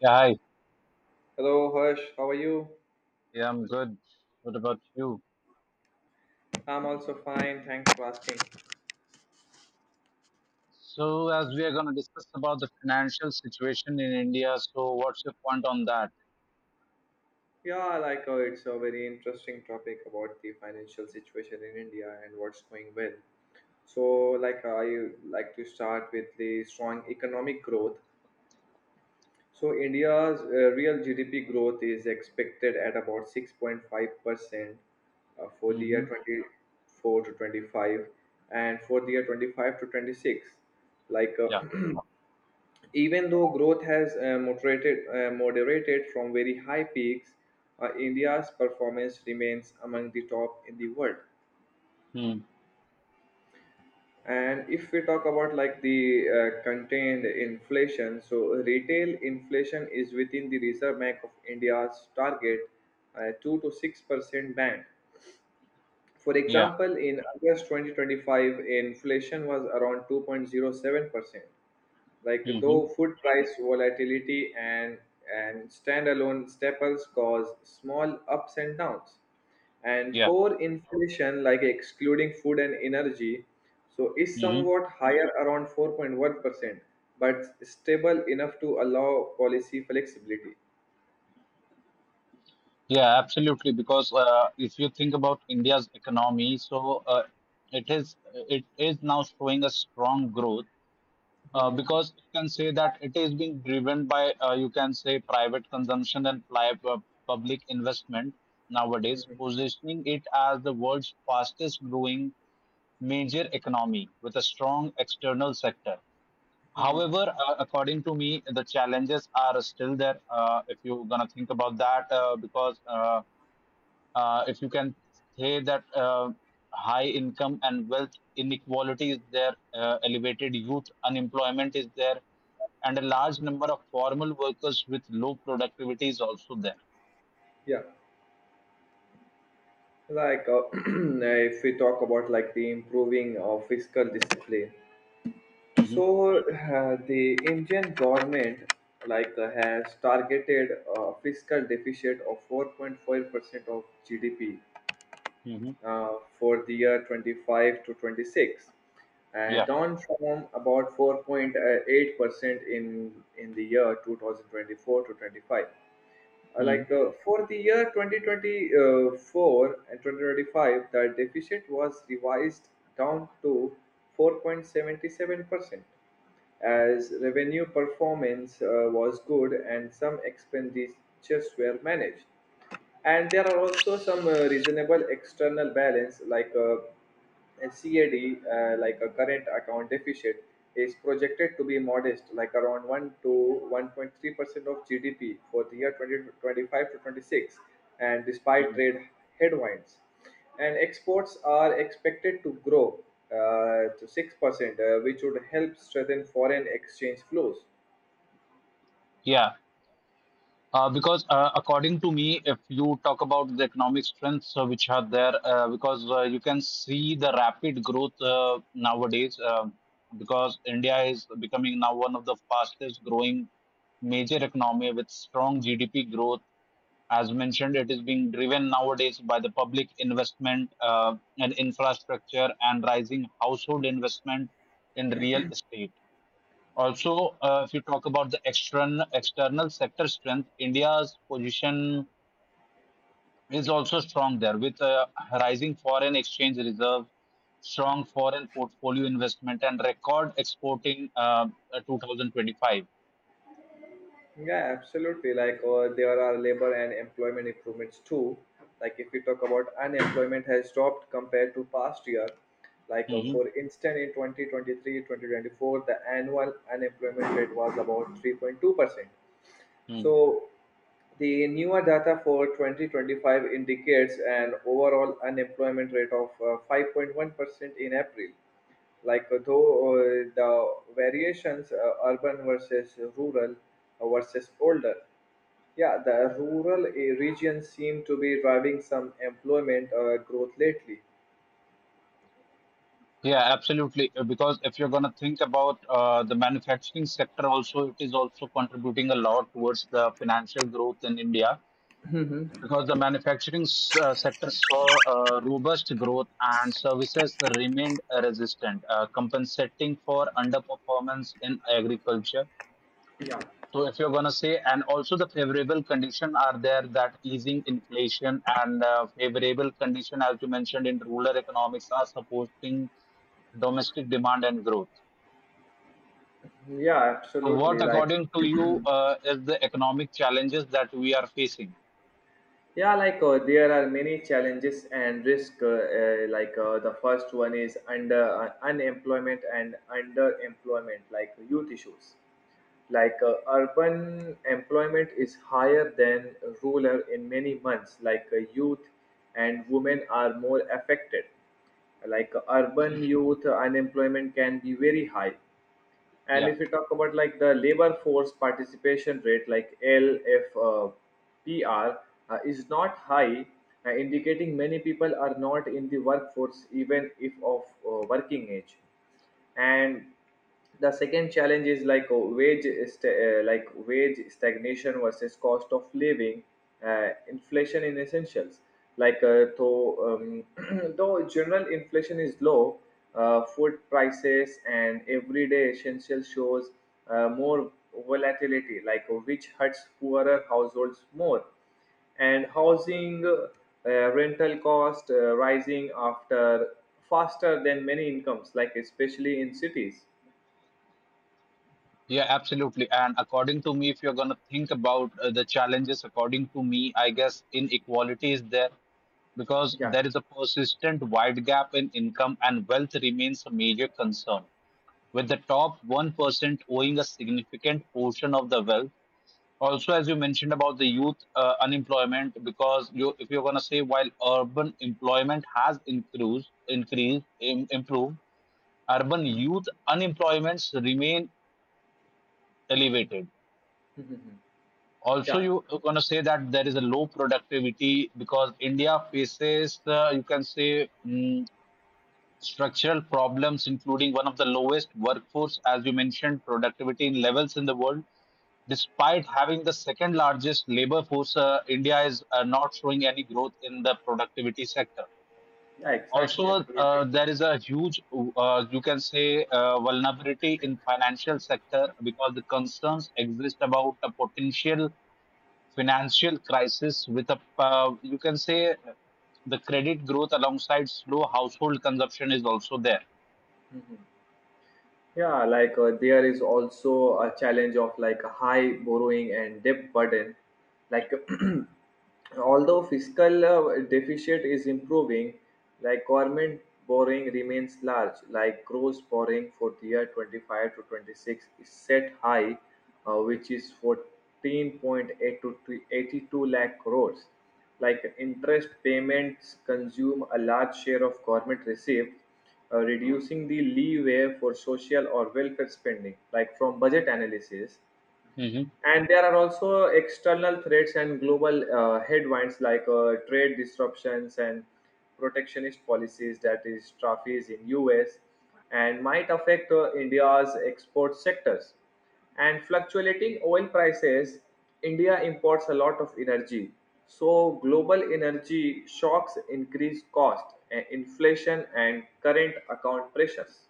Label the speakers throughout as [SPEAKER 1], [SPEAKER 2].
[SPEAKER 1] Yeah, hi.
[SPEAKER 2] Hello, Harsh. How are you?
[SPEAKER 1] Yeah, I'm good. What about you?
[SPEAKER 2] I'm also fine. Thanks for asking.
[SPEAKER 1] So, as we are going to discuss about the financial situation in India, so what's your point on that?
[SPEAKER 2] Yeah, it's a very interesting topic about the financial situation in India and what's going well. So, like I like to start with the strong economic growth. So, India's real GDP growth is expected at about 6.5 percent for the
[SPEAKER 1] Mm-hmm.
[SPEAKER 2] year 24 to 25 and for the year 25 to 26 like
[SPEAKER 1] Yeah.
[SPEAKER 2] uh, even though growth has moderated from very high peaks, India's performance remains among the top in the world.
[SPEAKER 1] Mm.
[SPEAKER 2] And if we talk about the contained inflation, so retail inflation is within the Reserve Bank of India's target 2 to 6 percent band. For
[SPEAKER 1] Yeah.
[SPEAKER 2] example, in August 2025, inflation was around 2.07 percent,
[SPEAKER 1] Mm-hmm.
[SPEAKER 2] though food price volatility and standalone staples cause small ups and downs, and
[SPEAKER 1] Yeah.
[SPEAKER 2] core inflation, like excluding food and energy, so is
[SPEAKER 1] Mm-hmm.
[SPEAKER 2] somewhat higher around 4.1%, but stable enough to allow policy flexibility.
[SPEAKER 1] Yeah, absolutely. Because if you think about India's economy, so it is now showing a strong growth
[SPEAKER 2] Mhm.
[SPEAKER 1] because you can say that it is being driven by you can say private consumption and public investment nowadays,
[SPEAKER 2] Mhm.
[SPEAKER 1] positioning it as the world's fastest growing major economy with a strong external sector.
[SPEAKER 2] Mhm.
[SPEAKER 1] However, according to me, the challenges are still there. If you're gonna think about that, because if you can say that high income and wealth inequality is there, elevated youth unemployment is there, and a large number of formal workers with low productivity is also there.
[SPEAKER 2] yeah like uh, if we talk about like the improving of fiscal discipline,
[SPEAKER 1] Hmm.
[SPEAKER 2] so the Indian government has targeted a fiscal deficit of 4.5 percent of GDP
[SPEAKER 1] Hmm.
[SPEAKER 2] for the year 25 to 26,
[SPEAKER 1] Yeah.
[SPEAKER 2] down from about 4.8 percent in the year 2024 to 25.
[SPEAKER 1] Mhm.
[SPEAKER 2] For the year 2024 and 2025, the deficit was revised down to 4.77 percent, as revenue performance was good and some expenditures were managed. And there are also some reasonable external balance, and CAD, like a current account deficit, is projected to be modest, like around 1 to 1.3 percent of GDP for the year 2025 to 26, and despite
[SPEAKER 1] Mhm.
[SPEAKER 2] trade headwinds, and exports are expected to grow to 6 percent, which would help strengthen foreign exchange flows.
[SPEAKER 1] Yeah. Because according to me, if you talk about the economic strengths which are there, because you can see the rapid growth because India is becoming now one of the fastest growing major economy with strong GDP growth. As mentioned, it is being driven nowadays by the public investment and infrastructure and rising household investment in real estate. Also, if you talk about the external sector strength, India's position is also strong there with a rising foreign exchange reserve, strong foreign portfolio investment, and record exporting 2025.
[SPEAKER 2] Yeah, absolutely. There are labor and employment improvements too. Like if we talk about unemployment has dropped compared to past year.
[SPEAKER 1] Hmm.
[SPEAKER 2] For instance, in 2023, 2024, the annual unemployment rate was about 3.2%.
[SPEAKER 1] Mm.
[SPEAKER 2] So the newer data for 2025 indicates an overall unemployment rate of 5.1% in April. Like though The variations, urban versus rural versus older. Yeah, the rural regions seem to be driving some employment growth lately.
[SPEAKER 1] Yeah, absolutely. Because if you're going to think about the manufacturing sector, also it is also contributing a lot towards the financial growth in India, because the sector saw robust growth and services remained resistant, compensating for underperformance in agriculture.
[SPEAKER 2] Yeah.
[SPEAKER 1] So, if you're going to say, and also the favorable condition are there, that easing inflation and favorable condition, as you mentioned, in rural economics are supporting domestic demand and growth.
[SPEAKER 2] Yeah,
[SPEAKER 1] So,
[SPEAKER 2] absolutely.
[SPEAKER 1] what
[SPEAKER 2] Like,
[SPEAKER 1] according to you is the economic challenges that we are facing?
[SPEAKER 2] there are many challenges and risk. The first one is under unemployment and underemployment, like youth issues. Urban employment is higher than rural in many months. Youth and women are more affected. Urban youth unemployment can be very high, and
[SPEAKER 1] Yeah.
[SPEAKER 2] if we talk about like the labor force participation rate, like LFPR, is not high, indicating many people are not in the workforce even if of working age. And the second challenge is like wage stagnation versus cost of living, inflation in essentials. Like uh, though, um, though general inflation is low, food prices and everyday essentials shows more volatility, which hurts poorer households more. And housing rental cost rising after faster than many incomes, like especially in cities.
[SPEAKER 1] Yeah, absolutely. And according to me, if you're going to think about the challenges, according to me, I guess inequality is there, because
[SPEAKER 2] Yeah.
[SPEAKER 1] there is a persistent wide gap in income and wealth remains a major concern, with the top 1% owing a significant portion of the wealth. Also, as you mentioned about the youth unemployment, because you, if you're going to say while urban employment has improved, urban youth unemployments remain elevated. Also,
[SPEAKER 2] Yeah,
[SPEAKER 1] you are going to say that there is a low productivity because India faces, you can say, structural problems, including one of the lowest workforce, as you mentioned, productivity in levels in the world. Despite having the second largest labor force, India is not showing any growth in the productivity sector.
[SPEAKER 2] yeah,
[SPEAKER 1] Also,
[SPEAKER 2] exactly, absolutely.
[SPEAKER 1] there is a huge, you can say, vulnerability in financial sector, because the concerns exist about a potential financial crisis with a you can say the credit growth alongside slow household consumption is also there.
[SPEAKER 2] There is also a challenge of like high borrowing and debt burden. Like although fiscal deficit is improving, like government borrowing remains large, like gross borrowing for the year 25 to 26 is set high, which is 14.8 to 82 lakh crores. Like interest payments consume a large share of government receipts, reducing the leeway for social or welfare spending, like from budget analysis.
[SPEAKER 1] Mm-hmm.
[SPEAKER 2] And there are also external threats and global headwinds, trade disruptions and protectionist policies, that is tariffs in US, and might affect India's export sectors. And fluctuating oil prices, India imports a lot of energy. So global energy shocks increase cost, inflation and current account pressures.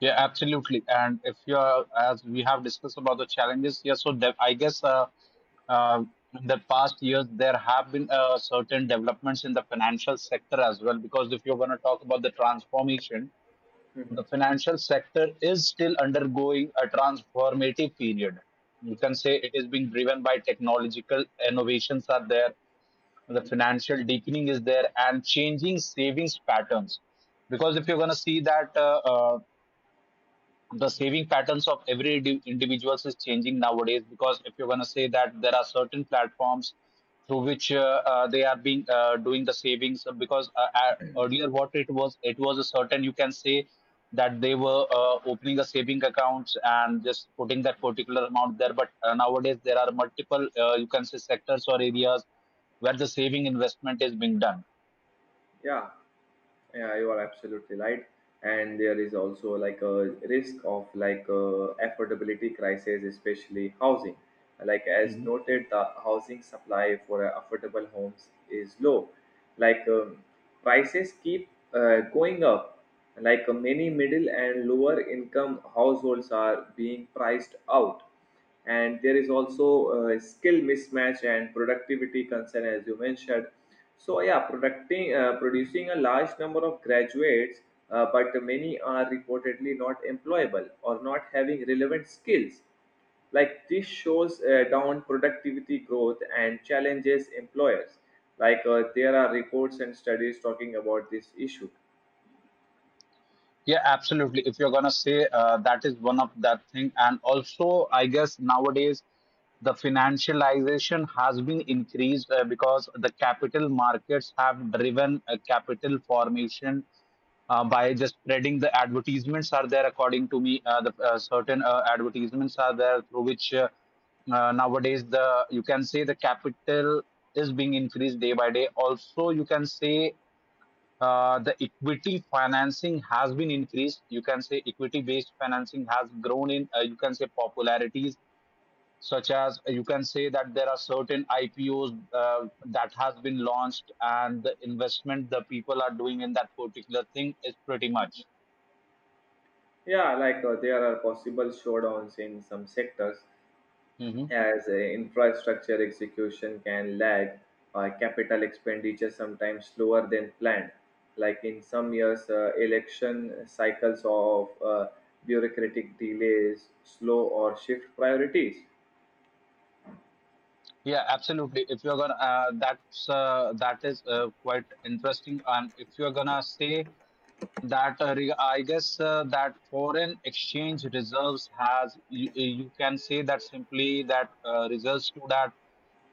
[SPEAKER 1] Yeah, absolutely. And if you are, as we have discussed about the challenges, yeah, uh, in the past years there have been certain developments in the financial sector as well. Because if you're going to talk about the transformation, the financial sector is still undergoing a transformative period. You can say it is being driven by technological innovations are there, the financial deepening is there, and changing savings patterns. Because if you're going to see that the saving patterns of every individuals is changing nowadays, because if you're going to say that there are certain platforms through which they are being doing the savings because earlier what it was a certain, you can say, that they were opening a saving accounts and just putting that particular amount there, but nowadays there are multiple you can say sectors or areas where the saving investment is being done.
[SPEAKER 2] Yeah. Yeah, you are absolutely right. And there is also like a risk of affordability crisis, especially housing. Like as noted, the housing supply for affordable homes is low. Like um, Prices keep going up. Many middle and lower income households are being priced out, and there is also skill mismatch and productivity concern, as you mentioned. So yeah, producting producing a large number of graduates, but many are reportedly not employable or not having relevant skills. This shows down productivity growth and challenges employers. There are reports and studies talking about this issue.
[SPEAKER 1] Yeah, absolutely. If you're gonna say that is one of that thing, and also I guess nowadays the financialization has been increased because the capital markets have driven capital formation by just spreading the advertisements are there, according to me the certain advertisements are there through which nowadays the, you can say, the capital is being increased day by day. Also you can say the equity financing has been increased. You can say equity based financing has grown in, you can say, popularities, such as you can say that there are certain IPOs that has been launched and the investment the people are doing in that particular thing is pretty much.
[SPEAKER 2] There are possible showdowns in some sectors,
[SPEAKER 1] Hmm.
[SPEAKER 2] as infrastructure execution can lag, capital expenditure sometimes slower than planned. Like in some years, election cycles of bureaucratic delays slow or shift priorities.
[SPEAKER 1] Yeah, absolutely. If you're gonna, that's That is quite interesting. And if you're gonna say that that foreign exchange reserves has, you can say that simply that reserves to that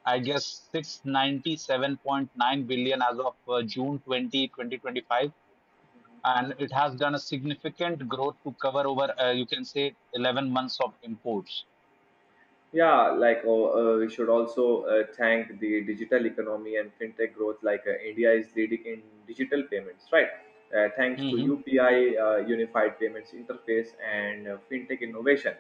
[SPEAKER 1] I guess 697.9 billion as of June 20th, 20, 2025, and it has done a significant growth to cover over you can say 11 months of imports.
[SPEAKER 2] Yeah, we should also thank the digital economy and fintech growth. India is leading in digital payments, right? Thanks to UPI, Unified Payments Interface, and fintech innovation.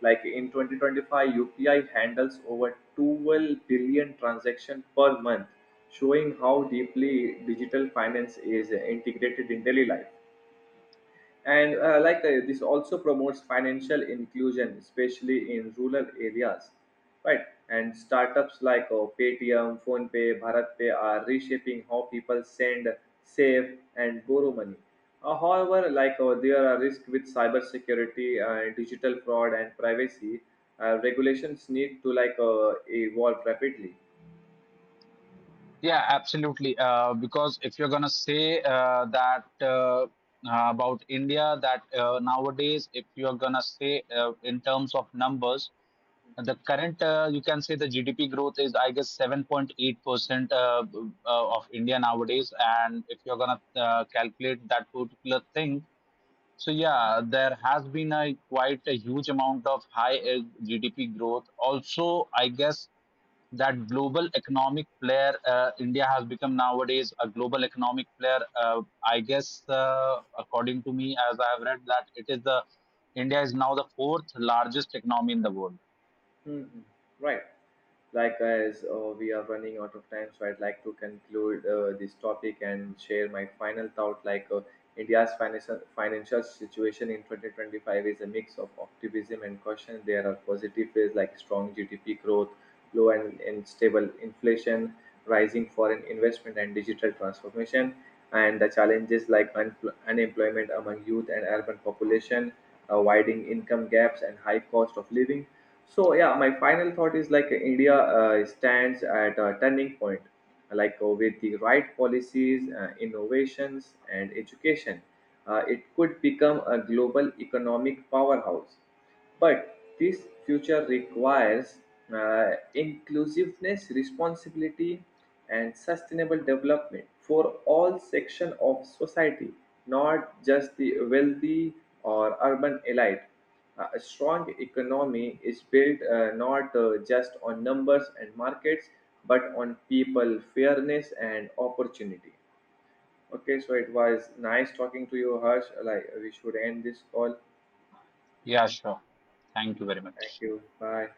[SPEAKER 2] In 2025, UPI handles over 12 billion transactions per month, showing how deeply digital finance is integrated in daily life. And this also promotes financial inclusion, especially in rural areas, right? And startups like Paytm, PhonePe, Bharatpay are reshaping how people send, save and borrow money. However, there are risks with cybersecurity, digital fraud and privacy. Regulations need to evolve rapidly.
[SPEAKER 1] Yeah, absolutely. Because if you're gonna say that About India, that nowadays, if you're gonna say in terms of numbers, the current, you can say, the GDP growth is I guess 7.8% of India nowadays, and if you're gonna calculate that particular thing. So yeah, there has been a quite a huge amount of high GDP growth. Also, I guess that global economic player, India has become nowadays a global economic player. I guess, according to me, as I have read, that it is the India is now the fourth largest economy in the world.
[SPEAKER 2] Mhm. Right, as we are running out of time, so I'd like to conclude this topic and share my final thought. India's financial situation in 2025 is a mix of optimism and caution. There are positive ways like strong GDP growth, low and stable inflation, rising foreign investment, and digital transformation, and the challenges like unemployment among youth and urban population, widening income gaps, and high cost of living. So yeah, my final thought is like India stands at a turning point, with the right policies, innovations, and education, it could become a global economic powerhouse. But this future requires inclusiveness, responsibility, and sustainable development for all sections of society, not just the wealthy or urban elite. A strong economy is built not just on numbers and markets, but on people, fairness, and opportunity. Okay, so it was nice talking to you, Harsh. Like we should end this call.
[SPEAKER 1] Yeah, sure. Thank you very
[SPEAKER 2] Thank
[SPEAKER 1] much.
[SPEAKER 2] you. Bye.